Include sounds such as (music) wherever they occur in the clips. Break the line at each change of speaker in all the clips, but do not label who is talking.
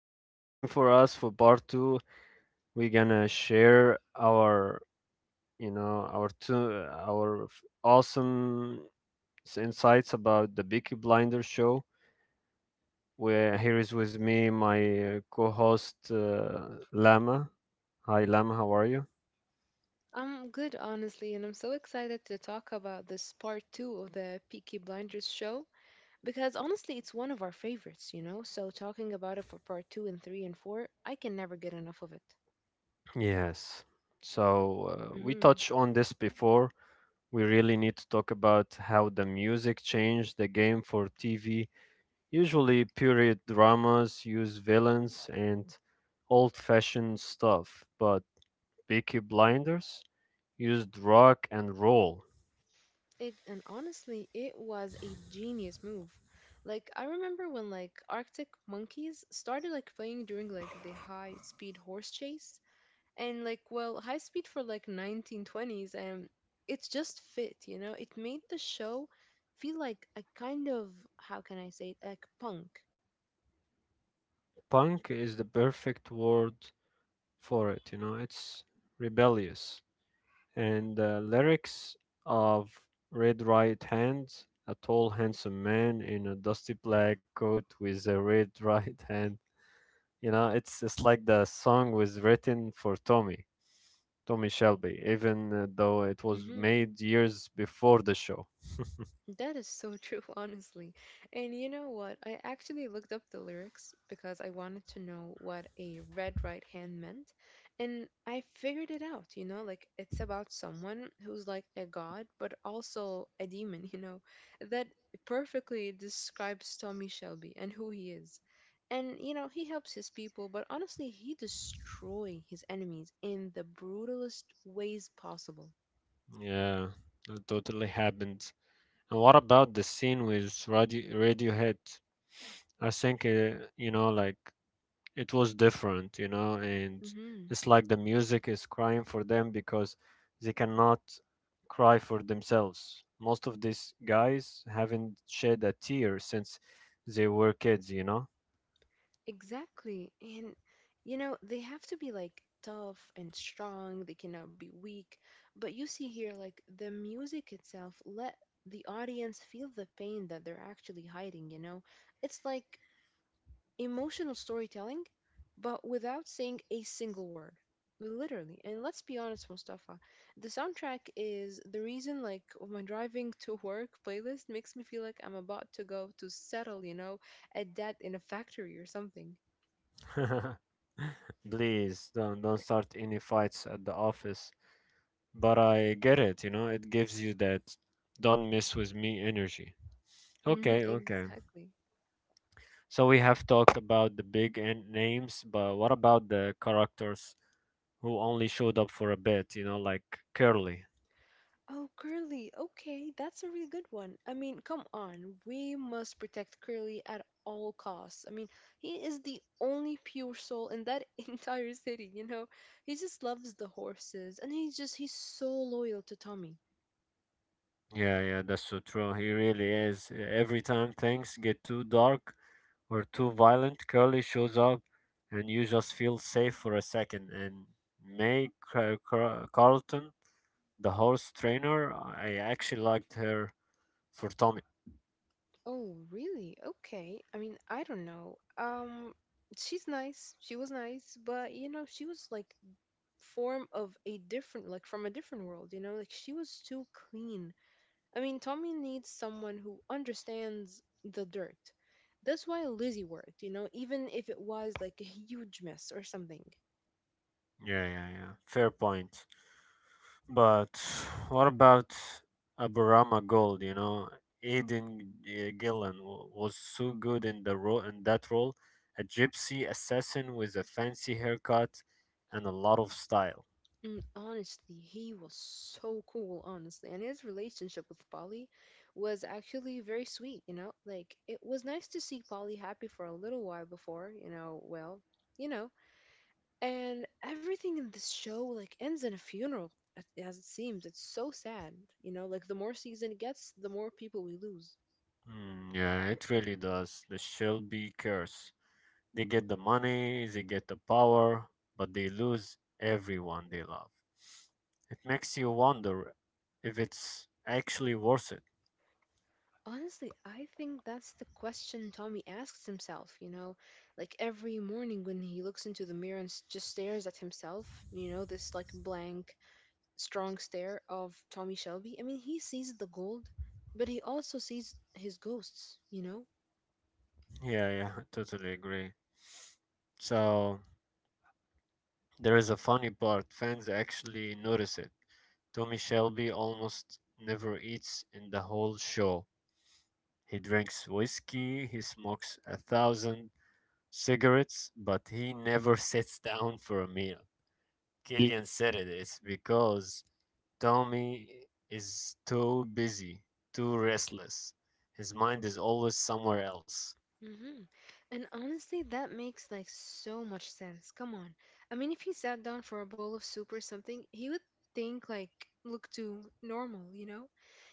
been waiting for us for part 2. We're going to share our, you know, our two our f- awesome insights about the Peaky Blinder show. Where here is with me my co-host Lama. Hi Lama, how are you?
I'm good, honestly, and I'm so excited to talk about this part two of the Peaky Blinders show because honestly, it's one of our favorites, you know? So, talking about it for part two and three and four, I can never get enough of it.
Yes. So we
hmm
touched on this before. We really need to talk about how the music changed the game for TV. Usually, period dramas use villains and old fashioned stuff, but Peaky Blinders used rock and roll.
It and honestly, it was a genius move. Like I remember when like Arctic Monkeys started like playing during like the high speed horse chase, and like well high speed for like 1920s and it's just fit, you know, it made the show feel like a kind of, how can I say it, like punk.
Punk is the perfect word for it, you know, it's rebellious. And the lyrics of Red Right Hand, a tall, handsome man in a dusty black coat with a red (laughs) right hand, it's like the song was written for Tommy. Tommy Shelby, even though it was made years before the show.
That is so true, (laughs) honestly. And you know what? I actually looked up the lyrics because I wanted to know what a red right hand meant. And I figured it out, you know, like it's about someone who's like a god, but also a demon, (laughs) you know. That perfectly describes Tommy Shelby and who he is. And, you know, he helps his people, but honestly, he destroys his enemies in the brutalest ways possible.
Yeah, that totally happened. And what about the scene with Radiohead? I think it was different, you know, and
hmm
it's like the music is crying for them because they cannot cry for themselves. Most of these guys haven't shed a tear since they were kids, you know.
Exactly. And, you know, they have to be like tough and strong. They cannot be weak. But you see here, like the music itself let the audience feel the pain that they're actually hiding, you know? It's like emotional storytelling, but without saying a single word. Literally. And let's be honest, Mustafa, the soundtrack is the reason, like, my driving (laughs) to work playlist makes me feel like I'm about to go to settle, you know, a debt in a factory or something.
(laughs) Please don't start any fights at the office. But I get it, you know, it gives you that don't mess with me energy. Okay, okay.
Exactly.
So we have talked about the big names, but what about the characters who only showed up for a bit, you know, like Curly?
Oh, Curly. Okay, that's a really good one. I mean, come on. We must protect Curly at all costs. I mean, he is the only pure soul in that (laughs) entire city, you know? He just loves the horses and he's so loyal to Tommy.
Yeah, yeah, that's so true. He really is. Every time things get too dark or too violent, Curly shows up and you just feel safe for a second. And May Carlton, the horse trainer, I actually liked her for Tommy.
Oh, really? Okay. I mean, I don't know. She's nice. She was nice, but you know, she was like form of a different, like from a different world, you know? Like she was too clean. I mean, Tommy needs someone who understands the dirt. That's why Lizzie worked, you know, even if it was like a huge mess or something.
Yeah, yeah, yeah. Fair point. But what about Aburama Gold? You know, Aidan Gillen was so good in that role, a gypsy assassin with a fancy haircut and a lot of style.
And honestly, he was so cool, honestly. And his relationship with Polly was actually very sweet, you know? Like, it was nice to see Polly happy for a little while before, you know, well, you know. And everything in this show, like, ends in a funeral, as it seems. It's so sad, you know? Like, the more season it gets, the more people we lose.
Mm, yeah, it really does. The Shelby curse. They get the money, they get the power, but they lose everyone they love. It makes you wonder if it's actually worth it.
Honestly, I think that's the question Tommy asks himself, you know, like every morning when he looks into the mirror and just stares at himself, you know, this like blank, strong stare of Tommy Shelby. I mean, he sees the gold, but he also sees his ghosts, you know?
Yeah, yeah, I totally agree. So there is a funny part. Fans actually notice it. Tommy Shelby almost never eats in the whole show. He drinks whiskey, he smokes a thousand cigarettes, but he never (laughs) sits down for a meal. Killian said it, it's because Tommy is too busy, too restless. His mind is always somewhere else.
hmm And honestly, that makes like so much sense. Come on. I mean, if he sat down for a bowl of soup or something, he would think like, look too normal, you know?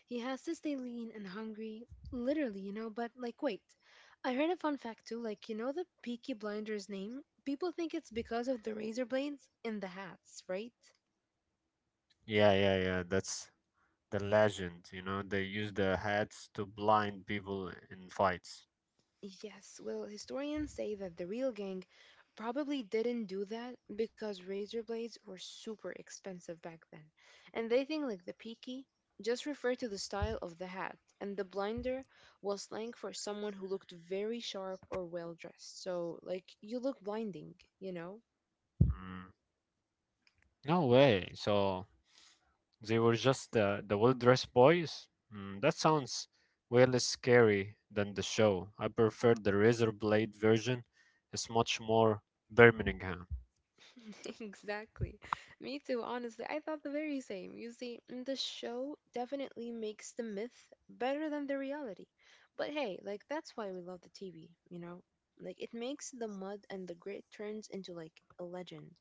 He has to stay lean and hungry, literally, you know? But like, wait, I heard a fun fact too. Like, you know the Peaky Blinder's name? People think it's because of the razor blades in the hats, right?
Yeah, yeah, yeah, that's the legend, you know, they use the hats to blind people in fights.
Yes, well, historians say that the real gang probably didn't do that because razor blades were super expensive back then. And they think like the peaky just referred to the style of the hat, and the blinder was slang for someone who looked very sharp or well dressed. So, like, you look blinding, you know?
Mm, no way. So they were just the well-dressed boys? Mm, that sounds way less scary than the show. I prefer the razor blade version. It's much more Birmingham.
(laughs) Exactly. Me too, honestly. I thought the very same. You see, the show definitely makes the myth better than the reality. But hey, like that's why we love the TV, you know? Like it makes the mud and the grit turns into like a legend.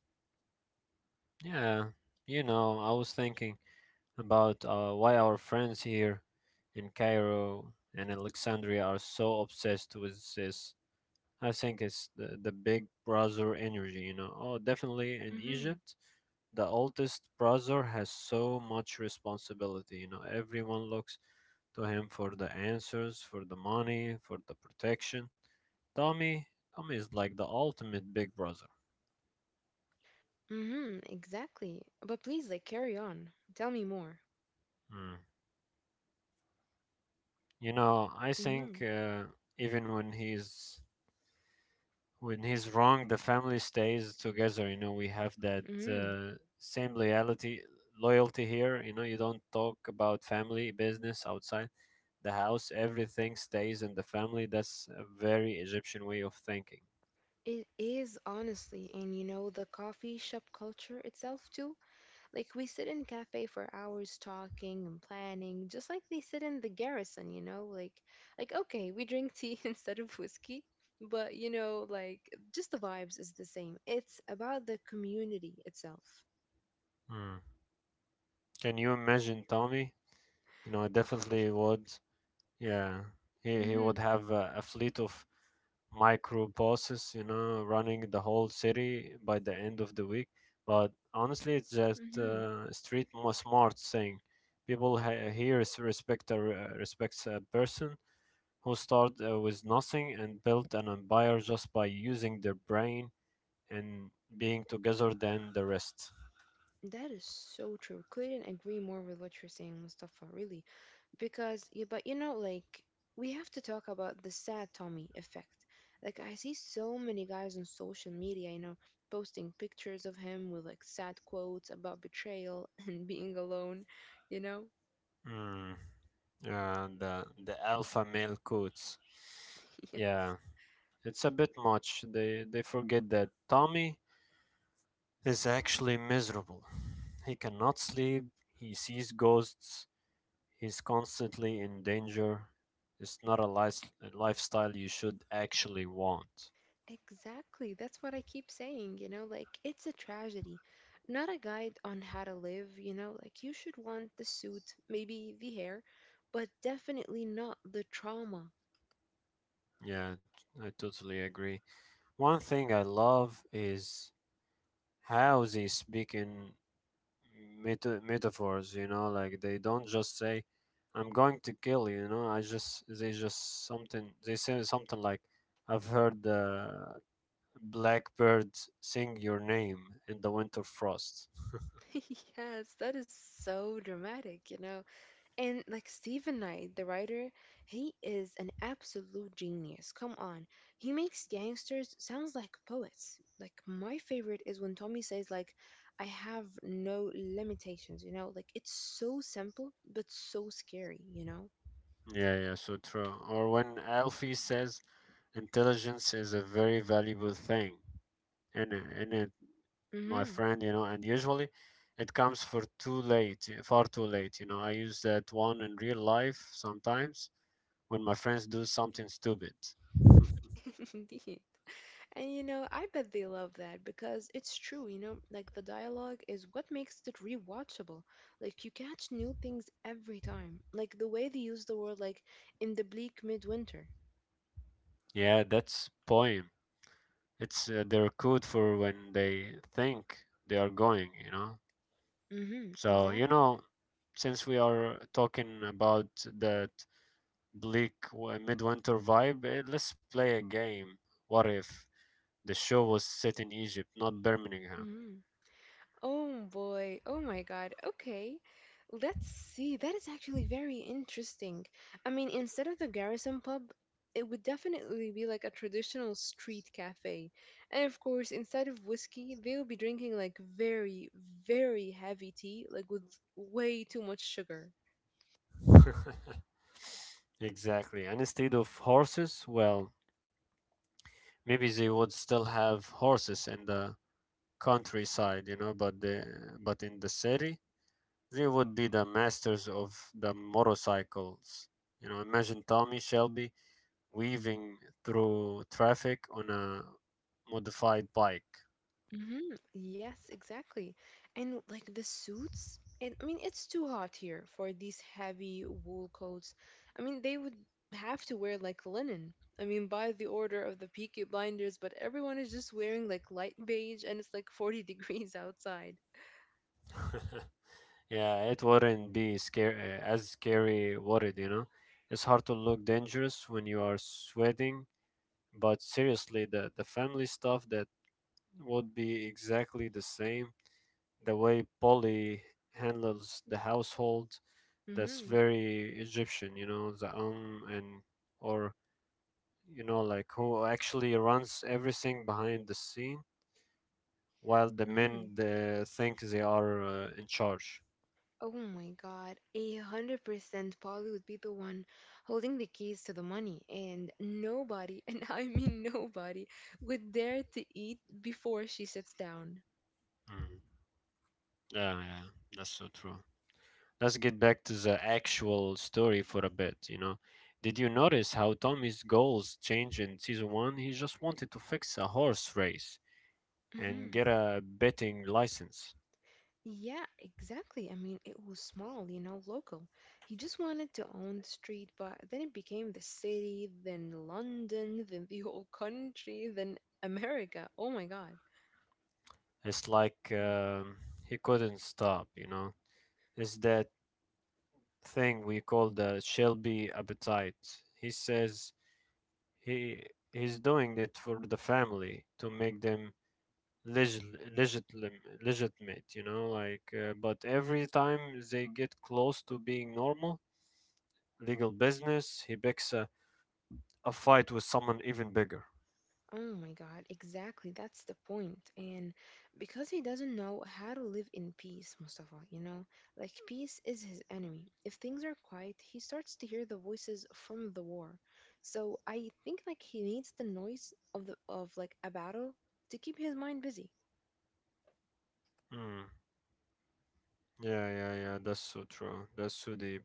Yeah, you know, I was thinking about why our friends here in Cairo and Alexandria are so obsessed with this. I think it's the big brother energy, you know. Oh, definitely in
Mm-hmm.
Egypt, the oldest brother has so much responsibility, you know. Everyone looks to him for the answers, for the money, for the protection. Tommy, Tommy is like the ultimate big brother.
Mm-hmm, exactly. But please, like, carry on. Tell me more.
Mm. You know, I
Mm-hmm.
think even when he's wrong, the family stays together. You know, we have that
Mm-hmm.
same loyalty here. You know, you don't talk about family business outside the house. Everything stays in the family. That's a very Egyptian way of thinking.
It is honestly, and you know, the coffee shop culture itself too. Like we sit in cafe for hours talking and planning, just like they sit in the garrison, you know? Like okay, we drink tea (laughs) instead of whiskey, but you know, like just the vibes is the same. It's about the community itself.
Hmm. Can you imagine Tommy? You know, I definitely
(laughs)
would. Yeah, he would
hmm
have a fleet of micro bosses, you know, running the whole city by the end of the week. But honestly, it's just smart thing. People here is respect a, re- respects a person who started with nothing and built an empire just by using their brain and being together than the rest.
That is so true. Couldn't agree more with what you're saying, Mustafa, really. Because yeah, but you know, like we have to talk about the sad Tommy effect. Like I see so many guys on social media, you know, posting pictures of him with like sad quotes about betrayal (laughs) and being alone, you know.
Mm, the alpha male quotes.
(laughs) Yes,
Yeah. It's a bit much. They forget that Tommy is actually miserable. He cannot sleep. He sees ghosts. He's constantly in danger. It's not a lifestyle you should actually want.
exactly. That's what I keep saying, you know, like it's a tragedy, not a guide on how to live, you know, like you should want the suit, maybe the hair, but definitely not the trauma.
Yeah, I totally agree. One thing I love is how they speak in metaphors, you know, like they don't just say I'm going to kill you you know I just they just something they say something like I've heard the blackbird sing your name in the winter frost.
(laughs) Yes, that is so dramatic, you know. And like Stephen Knight, the writer, he is an absolute genius. Come on. He makes gangsters sounds like poets. Like my favorite is when Tommy says like, I have no limitations, you know? Like it's so simple but so scary, you know?
(laughs) Yeah, yeah, so true. Or when Alfie says intelligence is a very valuable thing in it, my
Mhm.
friend, you know, and usually it comes for too late far too late, you know. I use that one in real life sometimes when my friends do something stupid. (laughs)
(laughs) Indeed. And you know, I bet they love that because it's true, you know, like the dialogue is what makes it rewatchable. Like you catch new things every time. Like the way they use the word like in the bleak midwinter.
Yeah, that's poem. It's their code for when they think they are going, you know.
Mm-hmm,
So, you
exactly.
know, since we are talking about that midwinter vibe, eh, let's play a game. What if the show was set in Egypt, not Birmingham?
Mm-hmm. Oh boy. Oh my God. Okay. Let's see. That is actually very interesting. I mean, instead of the Garrison pub, it would definitely be like a traditional street cafe. And of course, instead of whiskey, they'll be drinking like very, very heavy tea, like with way too much sugar.
(laughs) Exactly. And instead of horses, well, maybe they would still have horses in the countryside, you know, but the but in the city, they would be the masters of the motorcycles. You know, imagine Tommy Shelby weaving through traffic on a modified bike.
Yes, exactly. And like the suits, and I mean, it's too hot here for these heavy wool coats. I mean, they would have to wear like linen. I mean, by the order of the Peaky Blinders, but everyone is just wearing like light beige and it's like 40 (laughs) degrees outside.
(laughs) Yeah, it wouldn't be scary, would it? You know, it's hard to look dangerous when you are sweating, but seriously, the family stuff that would be exactly the same. The way Polly handles the household, that's
Mm-hmm.
very Egyptian, you know, the and or you know, like who actually runs everything behind the scene while the
Mm-hmm.
men they think they are in charge.
Oh my God. 100% Polly would be the one holding the keys to the money, and nobody, (laughs) and I mean nobody, would dare to eat before she sits down.
Mm. Yeah, yeah, that's so true. Let's get back to the actual story for a bit, you know. Did you notice how Tommy's goals changed in season 1? He just wanted to fix a horse race and
hmm
get a betting license.
Yeah, exactly. I mean, it was small, you know, local. He just wanted to own the street, but then it became the city, then London, then the whole country, then America. Oh my God.
It's like he couldn't stop, you know. Is that thing we call the Shelby appetite. He says he he's doing it for the family to make them legit, legitim, legitimate, you know, like. But every time they get close to being normal, legal business, he picks a fight with someone even bigger.
Oh my God, exactly. That's the point. And because he doesn't know how to live in peace, Mustafa, you know, like peace is his enemy. If things are quiet, he starts to hear the voices from the war. So I think like he needs the noise of the of like a battle to keep his mind busy.
Mm. Yeah, yeah, yeah. That's so true. That's so deep.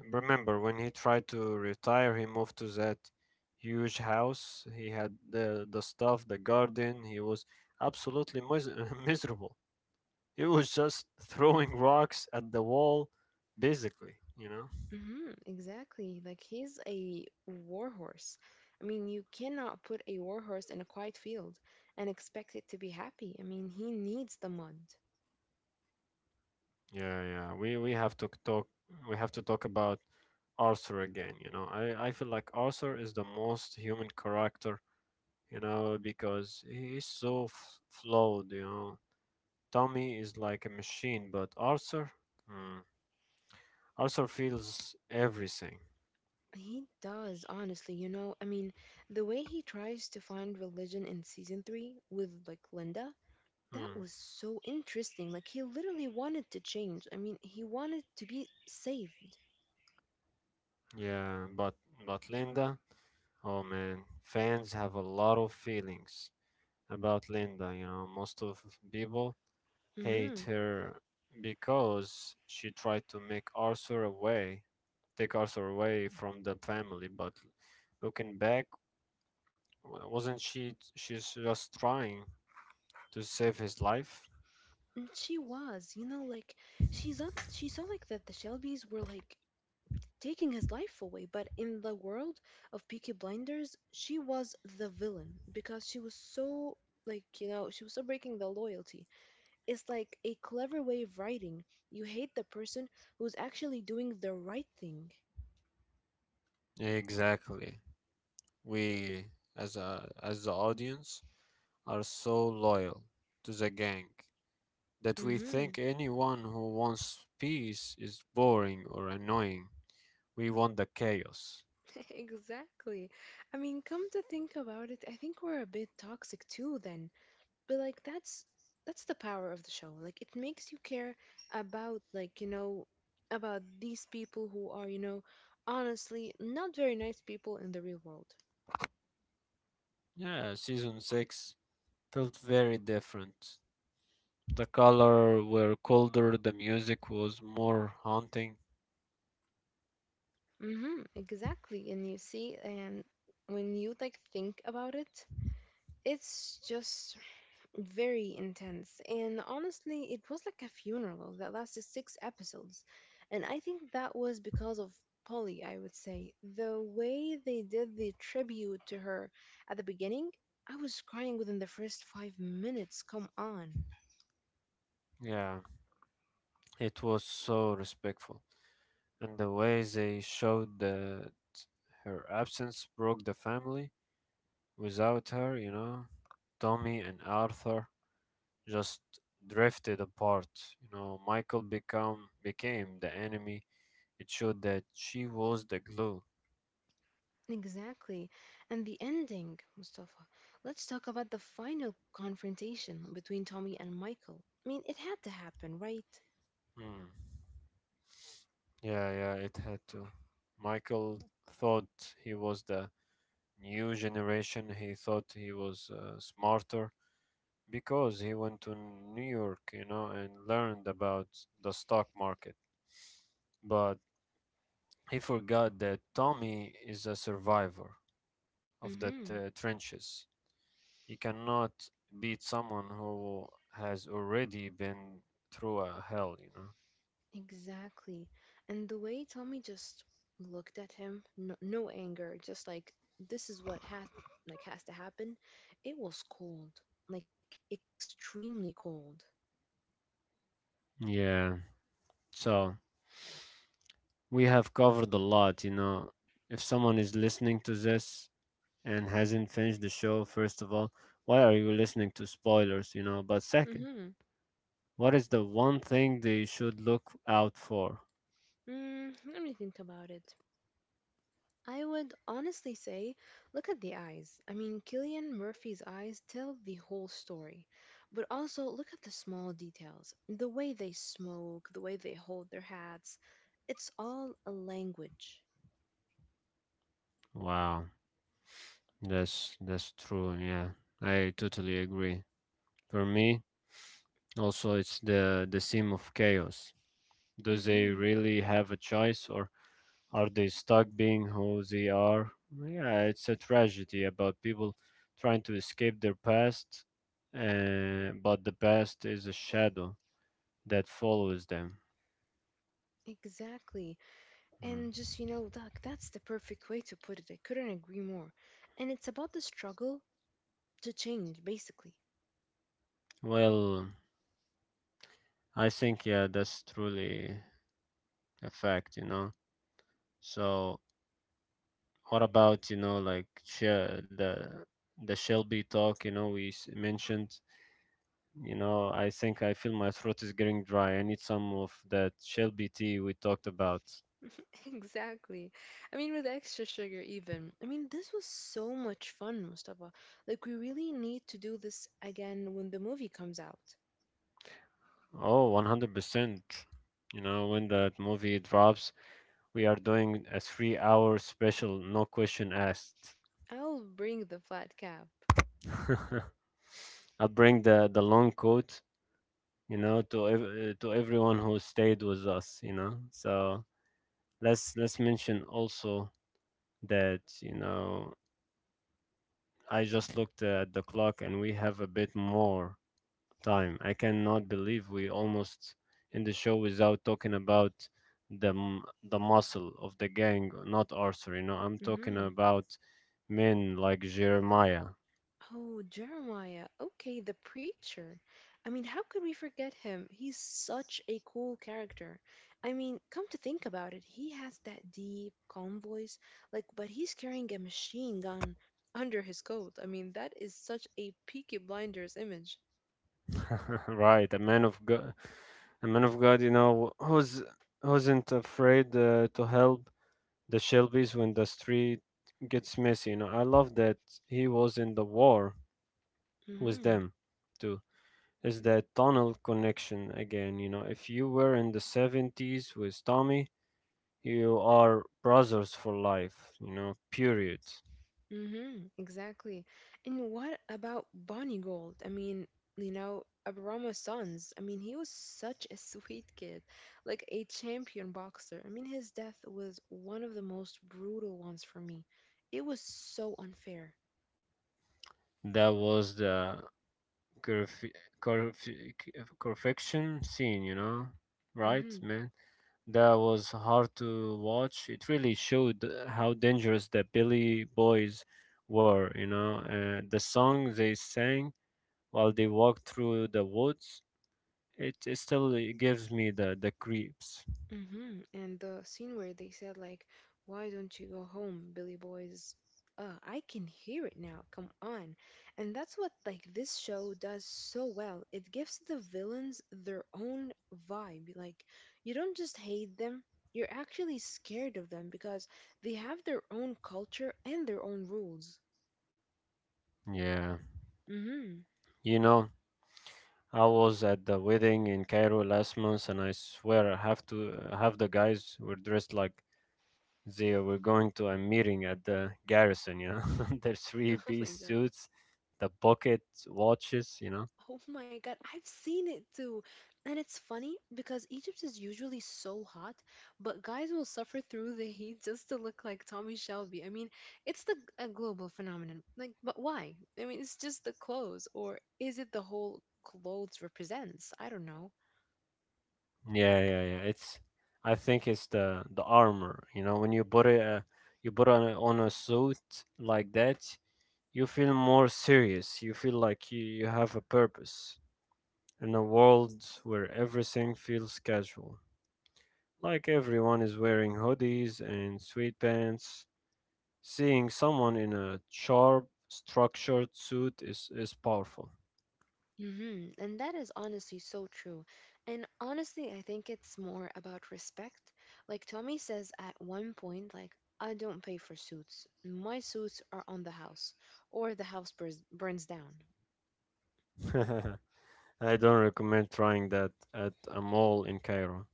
And remember when he tried to retire, he moved to that huge house. He had the stuff, the garden. He was absolutely (laughs) miserable. He was just throwing rocks at the wall, basically. You know.
Mm-hmm, exactly. Like he's a warhorse. I mean, you cannot put a warhorse in a quiet field and expect it to be happy. I mean, he needs the mud.
Yeah, yeah. We have to talk about Arthur again. You know, I feel like Arthur is the most human character. You know, because he's so flawed. You know, Tommy is like a machine, but Arthur. Hmm. Arthur feels everything.
He does, honestly, you know. I mean, the way he tries to find religion in season 3 with like Linda, that
Hmm.
was so interesting. Like he literally wanted to change. I mean, he wanted to be saved.
Yeah, but Linda, oh man, fans have a lot of feelings about Linda. You know, most of people
Mm-hmm.
hate her because she tried to take Arthur away from the family. But looking back, wasn't she? She's just trying to save his life.
And she was, you know, like, she saw like that the Shelbys were like taking his life away, but in the world of Peaky Blinders, she was the villain because she was so, like, you know, she was so breaking the loyalty. It's like a clever way of writing. You hate the person who's actually doing the right thing.
Exactly. We as a as the audience are so loyal to the gang that we
Mm-hmm.
think anyone who wants peace is boring or annoying. We want the chaos.
(laughs) Exactly. I mean, come to think about it, I think we're a bit toxic too then. But like that's the power of the show. Like it makes you care about, like, you know, about these people who are, you know, honestly not very nice people in the real world.
Yeah, season 6 felt very different. The color were colder, the music was more haunting.
Mm-hmm. Exactly. And you see, and when you like think about it, it's just very intense. And honestly, it was like a funeral that lasted 6 episodes. And I think that was because of Polly, I would say. The way they did the tribute to her at the beginning, I was crying within the first 5 minutes. Come on.
Yeah, it was so respectful. And the way they showed that her absence broke the family. Without her, you know, Tommy and Arthur just drifted apart. You know, Michael become became the enemy. It showed that she was the glue.
Exactly. And the ending, Mustafa. Let's talk about the final confrontation between Tommy and Michael. I mean, it had to happen, right?
Hmm. Yeah, yeah, it had to. Michael thought he was the new generation. He thought he was smarter because he went to New York, you know, and learned about the stock market. But he forgot that Tommy is a survivor of
Mm
the
hmm.
trenches. You cannot beat someone who has already been through a hell, you know?
Exactly. And the way Tommy just looked at him, no, no anger, just like this is what has like has to happen. It was cold, like extremely cold.
Yeah. So we have covered a lot, you know. If someone is listening to this and hasn't finished the show, first of all, why are you listening to spoilers, you know? But second,
Mhm.
what is the one thing they should look out for?
Mm, let me think about it. I would honestly say, look at the eyes. I mean, Killian Murphy's eyes tell the whole story. But also look at the small details. The way they smoke, the way they hold their hats. It's all a language.
Wow, that's true. Yeah, I totally agree. For me, also, it's the theme of chaos. Do they really have a choice or are they stuck being who they are? Yeah, it's a tragedy about people trying to escape their past, but the past is a shadow that follows them.
Exactly. And
Mm.
just, you know, Doc, that's the perfect way to put it. I couldn't agree more. And it's about the struggle to change, basically.
Well, I think, yeah, that's truly a fact, you know. So, what about, you know, like the Shelby talk, you know, we mentioned? You know, I think I feel my throat is getting dry. I need some of that Shelby tea we talked about.
(laughs) Exactly. I mean, with extra sugar, even. I mean, this was so much fun, Mustafa. Like, we really need to do this again when the movie comes out.
Oh, 100%. You know, when that movie drops, we are doing a 3 hour special, no question asked.
I'll bring the flat cap.
(laughs) I'll bring the long coat, you know, to to everyone who stayed with us, you know. So let's mention also that, I just looked at the clock and we have a bit more time. I cannot believe we almost in the show without talking about the muscle of the gang, not Arthur. You know, I'm
Mm
talking
hmm.
about men like Jeremiah,
Oh, Jeremiah. Okay, the preacher. I mean, how could we forget him? He's such a cool character. I mean, come to think about it, he has that deep, calm voice, like, but he's carrying a machine gun under his coat. I mean, that is such a Peaky Blinders image.
(laughs) right? A man of God, a man of God. You know, who's not afraid to help the Shelbys when the street gets messy. You know, I love that he was in the war with
Hmm.
them too is that tunnel connection again. You know, if you were in the 70s with Tommy, you are brothers for life, you know, period.
Mm-hmm, exactly. And what about Bonnie Gold? I mean, you know, Abrama's sons. I mean, he was such a (laughs) sweet kid, like a champion boxer. I mean, his death was one of the most brutal ones for me. It was so unfair.
That was the curf- curf- perfection scene, you know, right,
Mm-hmm.
man? That was hard to watch. It really showed how dangerous the Billy Boys were, you know. The song they sang while they walked through the woods, it still gives me the creeps.
Hmm. And the scene where they said like, "Why don't you go home, Billy Boys?" I can hear it now. Come on, and that's what like this show does so well. It gives the villains their own vibe. Like you don't just hate them; you're actually scared of them because they have their own culture and their own rules.
Yeah.
Mm-hmm. (laughs)
You know, I was at the wedding in Cairo last month, and I swear I have to half the guys were dressed like they were going to a meeting at the garrison. You know, (laughs) their
Oh
three-piece
my god.
suits, the pocket watches. You know,
Oh my God, I've seen it too. And it's funny because Egypt is usually so hot, but guys will suffer through the heat just to look like Tommy Shelby. I mean, it's the a global phenomenon. Like, but why? I mean, it's just the clothes, or is it the whole clothes represents? I don't know.
yeah, yeah, yeah. It's I think it's the armor. You know, when you put it, you put on a suit like that, you feel more serious. You feel like you have a purpose in a world where everything feels casual. Like everyone is wearing hoodies and sweatpants, seeing someone in a sharp, structured suit is powerful.
Hmm. And that is honestly so true. And honestly, I think it's more about respect. Like Tommy says at one point, like, I don't pay for suits. My suits are on the house, or the house burns down.
(laughs) I don't recommend trying that at a mall in Cairo,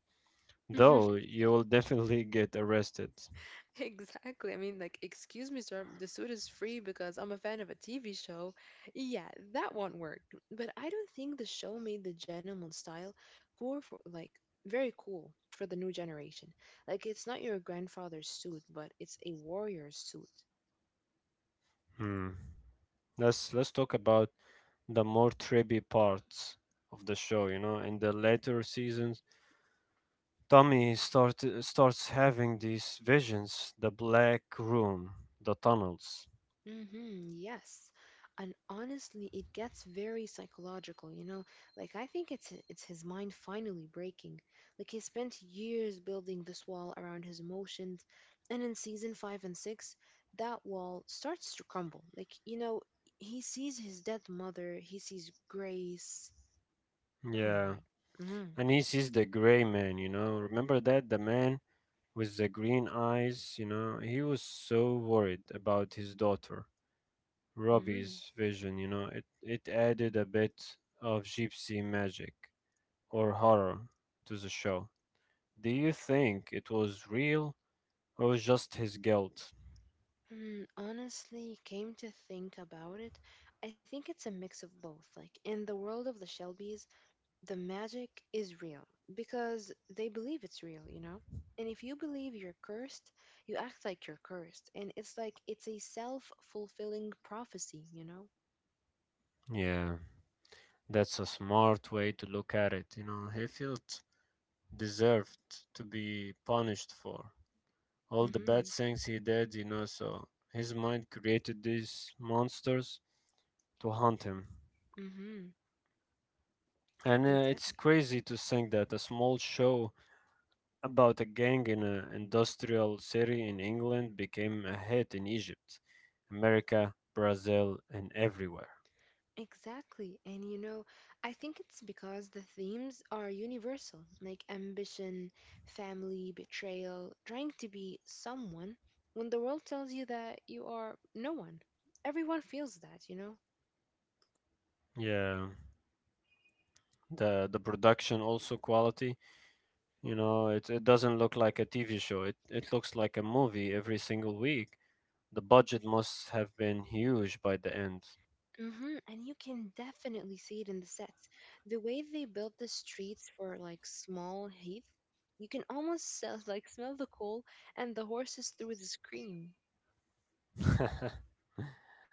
though
(laughs)
you will definitely get arrested.
(laughs) Exactly. I mean, like, excuse me, sir, the suit is free because I'm a fan of a TV show. Yeah, that won't work. But I don't think the show made the gentleman style cool for, like, very cool for the new generation. Like, it's not your grandfather's suit, but it's a warrior's suit.
Hmm. Let's talk about the more trippy parts of the show. You know, in the later seasons, Tommy starts having these visions: the black room, the tunnels.
Mm-hmm, yes. And honestly, it gets very psychological, you know? Like I think it's his mind finally breaking. Like he spent years building this wall around his emotions, and in season 5 and 6, that wall starts to crumble. Like, you know, he sees his dead mother, he sees Grace. Oh my
Yeah,
God. Mm-hmm.
and he the gray man, you know. Remember that? The man with the green eyes, you know. He was so worried about his daughter,
Mm-hmm.
Robbie's vision, you know. It added a bit of gypsy magic or horror to the show. Do you think it was real or just his guilt?
Hmm, honestly, came to think about it, I think it's a mix of both. Like in the world of the Shelbys, the magic is real because they believe it's real, you know? And if you believe you're cursed, you act like you're cursed. And it's like it's a self fulfilling prophecy, you know?
Yeah, that's a smart way to look at it, you know. He felt deserved to be punished for all
Mm
the
hmm.
bad things he did, you know. So his mind created these monsters to haunt him.
Mm hmm.
And it's
Exactly.
crazy to think that a small show about a gang in an industrial city in England became a hit in Egypt, America, Brazil, and everywhere.
Exactly. And you know, I think it's because the themes are universal, like ambition, family, betrayal, trying to be someone when the world tells you that you are no one. Everyone feels that, you know?
Yeah, the production also quality. You know, it doesn't look like a TV show. It looks like a movie every single week. The budget must have been huge by the end.
Hmm. And you can definitely see it in the sets. The way they built the streets for like small heath, you can almost sell, (laughs) like smell the coal and the horses through the screen.
(laughs)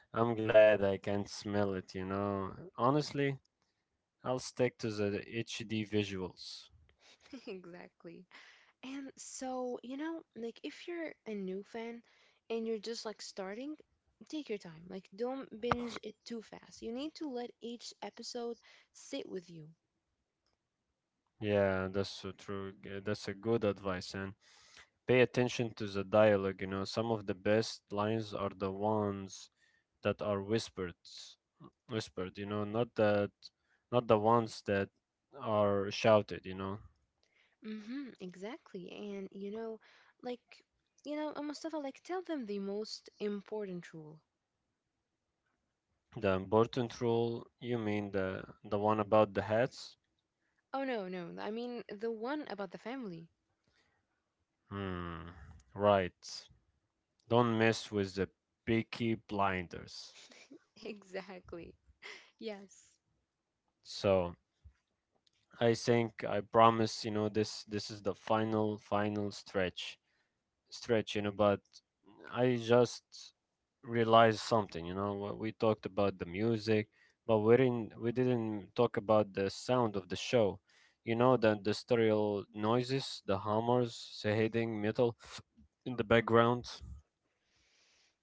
I'm glad I can't smell it, you know. Honestly, I'll stick to the HD visuals.
(laughs) Exactly. And so, you know, like if you're a new fan and you're just like starting, take your time. Like don't binge it too fast. You need to let each episode sit with you.
Yeah, that's so true. That's a good advice. And pay attention to the dialogue, you know. Some of the best lines are the ones that are whispered, not that not the ones that are shouted, you know.
Mm-hmm, exactly. And you know, like, you know, Mustafa, like, tell them the most important rule.
The important rule, you mean the one about the hats?
Oh, no, no, I mean the one about the family.
Hmm, right. Don't mess with the picky blinders.
(laughs) Exactly. Yes.
So I think I promise, you know, this is the final stretch, you know, but I just realized something, you know, what we talked about the music, but we didn't talk about the sound of the show. You know the industrial noises, the hammers, the hitting metal in the background.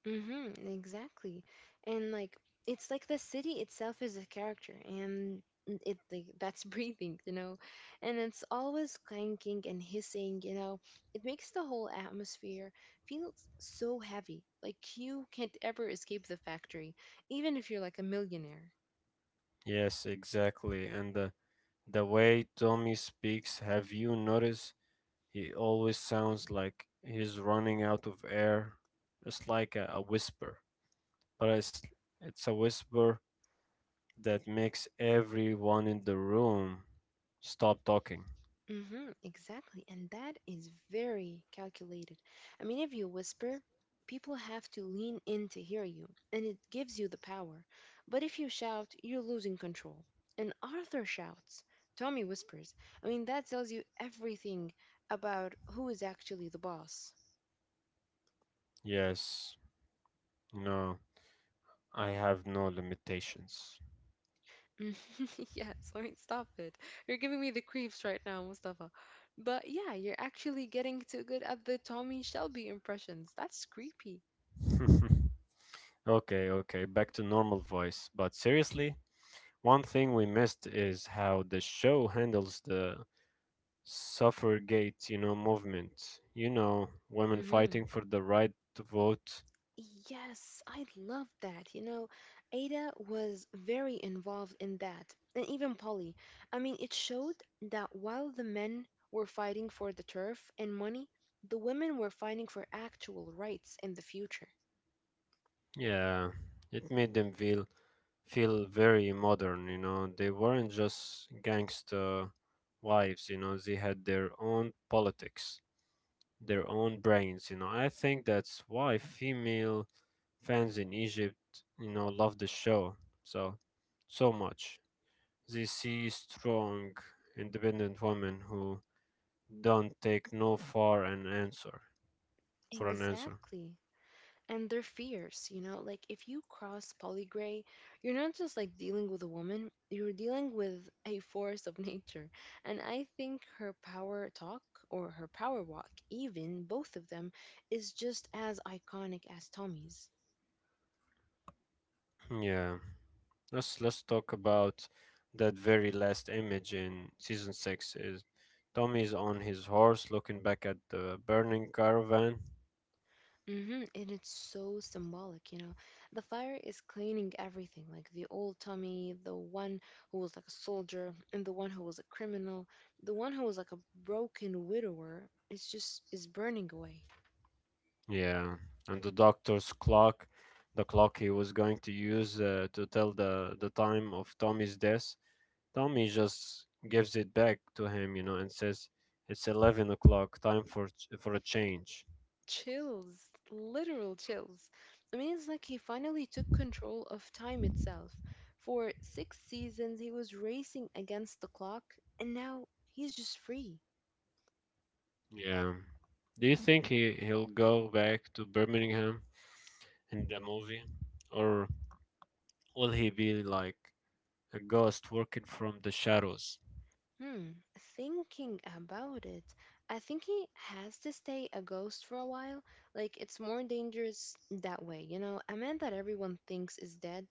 Mm-hmm, exactly. And like it's like the city itself is a character and it like (laughs) that's breathing, you know. And it's always clanking and hissing, you know. It makes the whole atmosphere feel so heavy. Like you can't ever escape the factory, even if you're like a millionaire.
Yes, exactly. And the way Tommy speaks, have you noticed he always sounds like he's running out of air. It's like a whisper, but it's a whisper that makes everyone in the room stop talking.
Mm-hmm, exactly. And that is very calculated. I mean, if you whisper, people have to lean in to hear you, and it gives you the power. But if you shout, you're losing control. And Arthur shouts, Tommy whispers. I mean, that tells you everything about who is actually the boss.
Yes, no, I have no limitations.
Mm, (laughs) Yes, I mean, stop it. You're giving me the creeps right now, Mustafa. But yeah, you're actually getting too good at the Tommy Shelby impressions. That's creepy.
(laughs) Okay, okay, back to normal voice. But seriously, one thing we missed is how the show handles the suffragette, you know, movement. You know, women
Hmm.
fighting for the right to vote.
Yes, I love that. You know, Ada was very involved in that, and even Polly. I mean, it showed that while the men were fighting for the turf and money, the women were fighting for actual rights in the future.
Yeah, it made them feel very modern, you know. They weren't just gangster wives, you know. They had their own politics, their own brains, you know. I think that's why female fans in Egypt, you know, love the show so so much. They see strong, independent women who don't take no for an answer for an answer.
Exactly. And their fears, you know, like if you cross polygray, you're not just like dealing with a woman, you're dealing with a force of (laughs) nature. And I think her power talk, or her power walk, even both of them, is just as iconic as Tommy's.
Yeah. Let's talk about that very last image in season 6 is Tommy's on his horse looking back at the burning caravan.
Mm-hmm. And it's so symbolic, you know. The fire is cleaning everything, like the old Tommy, the one who was like a soldier, and the one who was a criminal, the one who was like a broken widower. It's just is burning away.
Yeah, and the doctor's clock, the clock he was going to use to tell the time of Tommy's death. Tommy just gives it back to him, you know, and says it's 11 o'clock, time for for a change.
Chills, literal chills. I mean, it's like he finally took control of time itself. For 6 seasons, he was racing against the clock, and now he's just free.
Yeah. Do you think he'll go back to Birmingham in the movie, or? Will he be like a ghost working from the shadows?
Hmm, thinking about it, I think he has to stay a ghost for a while. Like, it's more dangerous that way. You know, a man that everyone thinks is dead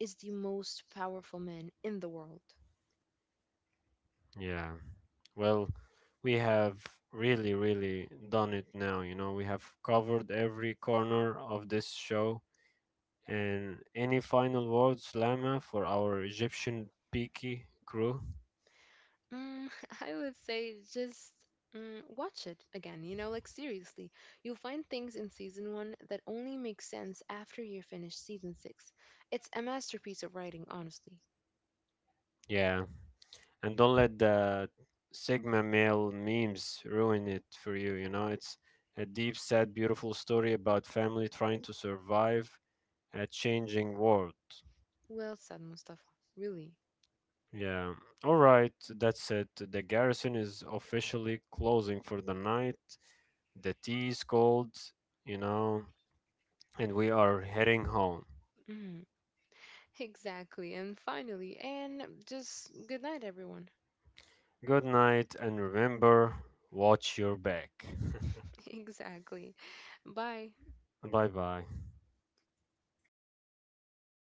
is the most powerful man in the world.
Yeah. Well, we have really done it now. You know, we have covered every corner of this show. And any final words, Lama, for our Egyptian Peaky crew?
Mm, (laughs) I would say just mm, watch it again, you know, like seriously. You'll find things in season one that only make sense after you finish season 6. It's a masterpiece of writing, honestly.
Yeah. And don't let the Sigma male memes ruin it for you. You know, it's a deep, sad, beautiful story about family trying to survive a changing world.
Well said, Mustafa. Really.
Yeah. All right. That's it. The garrison is officially closing for the night. The tea is cold, you know, and we are heading home.
Mhm. (laughs) Exactly. And finally, and just good night, everyone.
Good night, and remember, watch your back.
(laughs) Exactly. Bye.
Bye bye.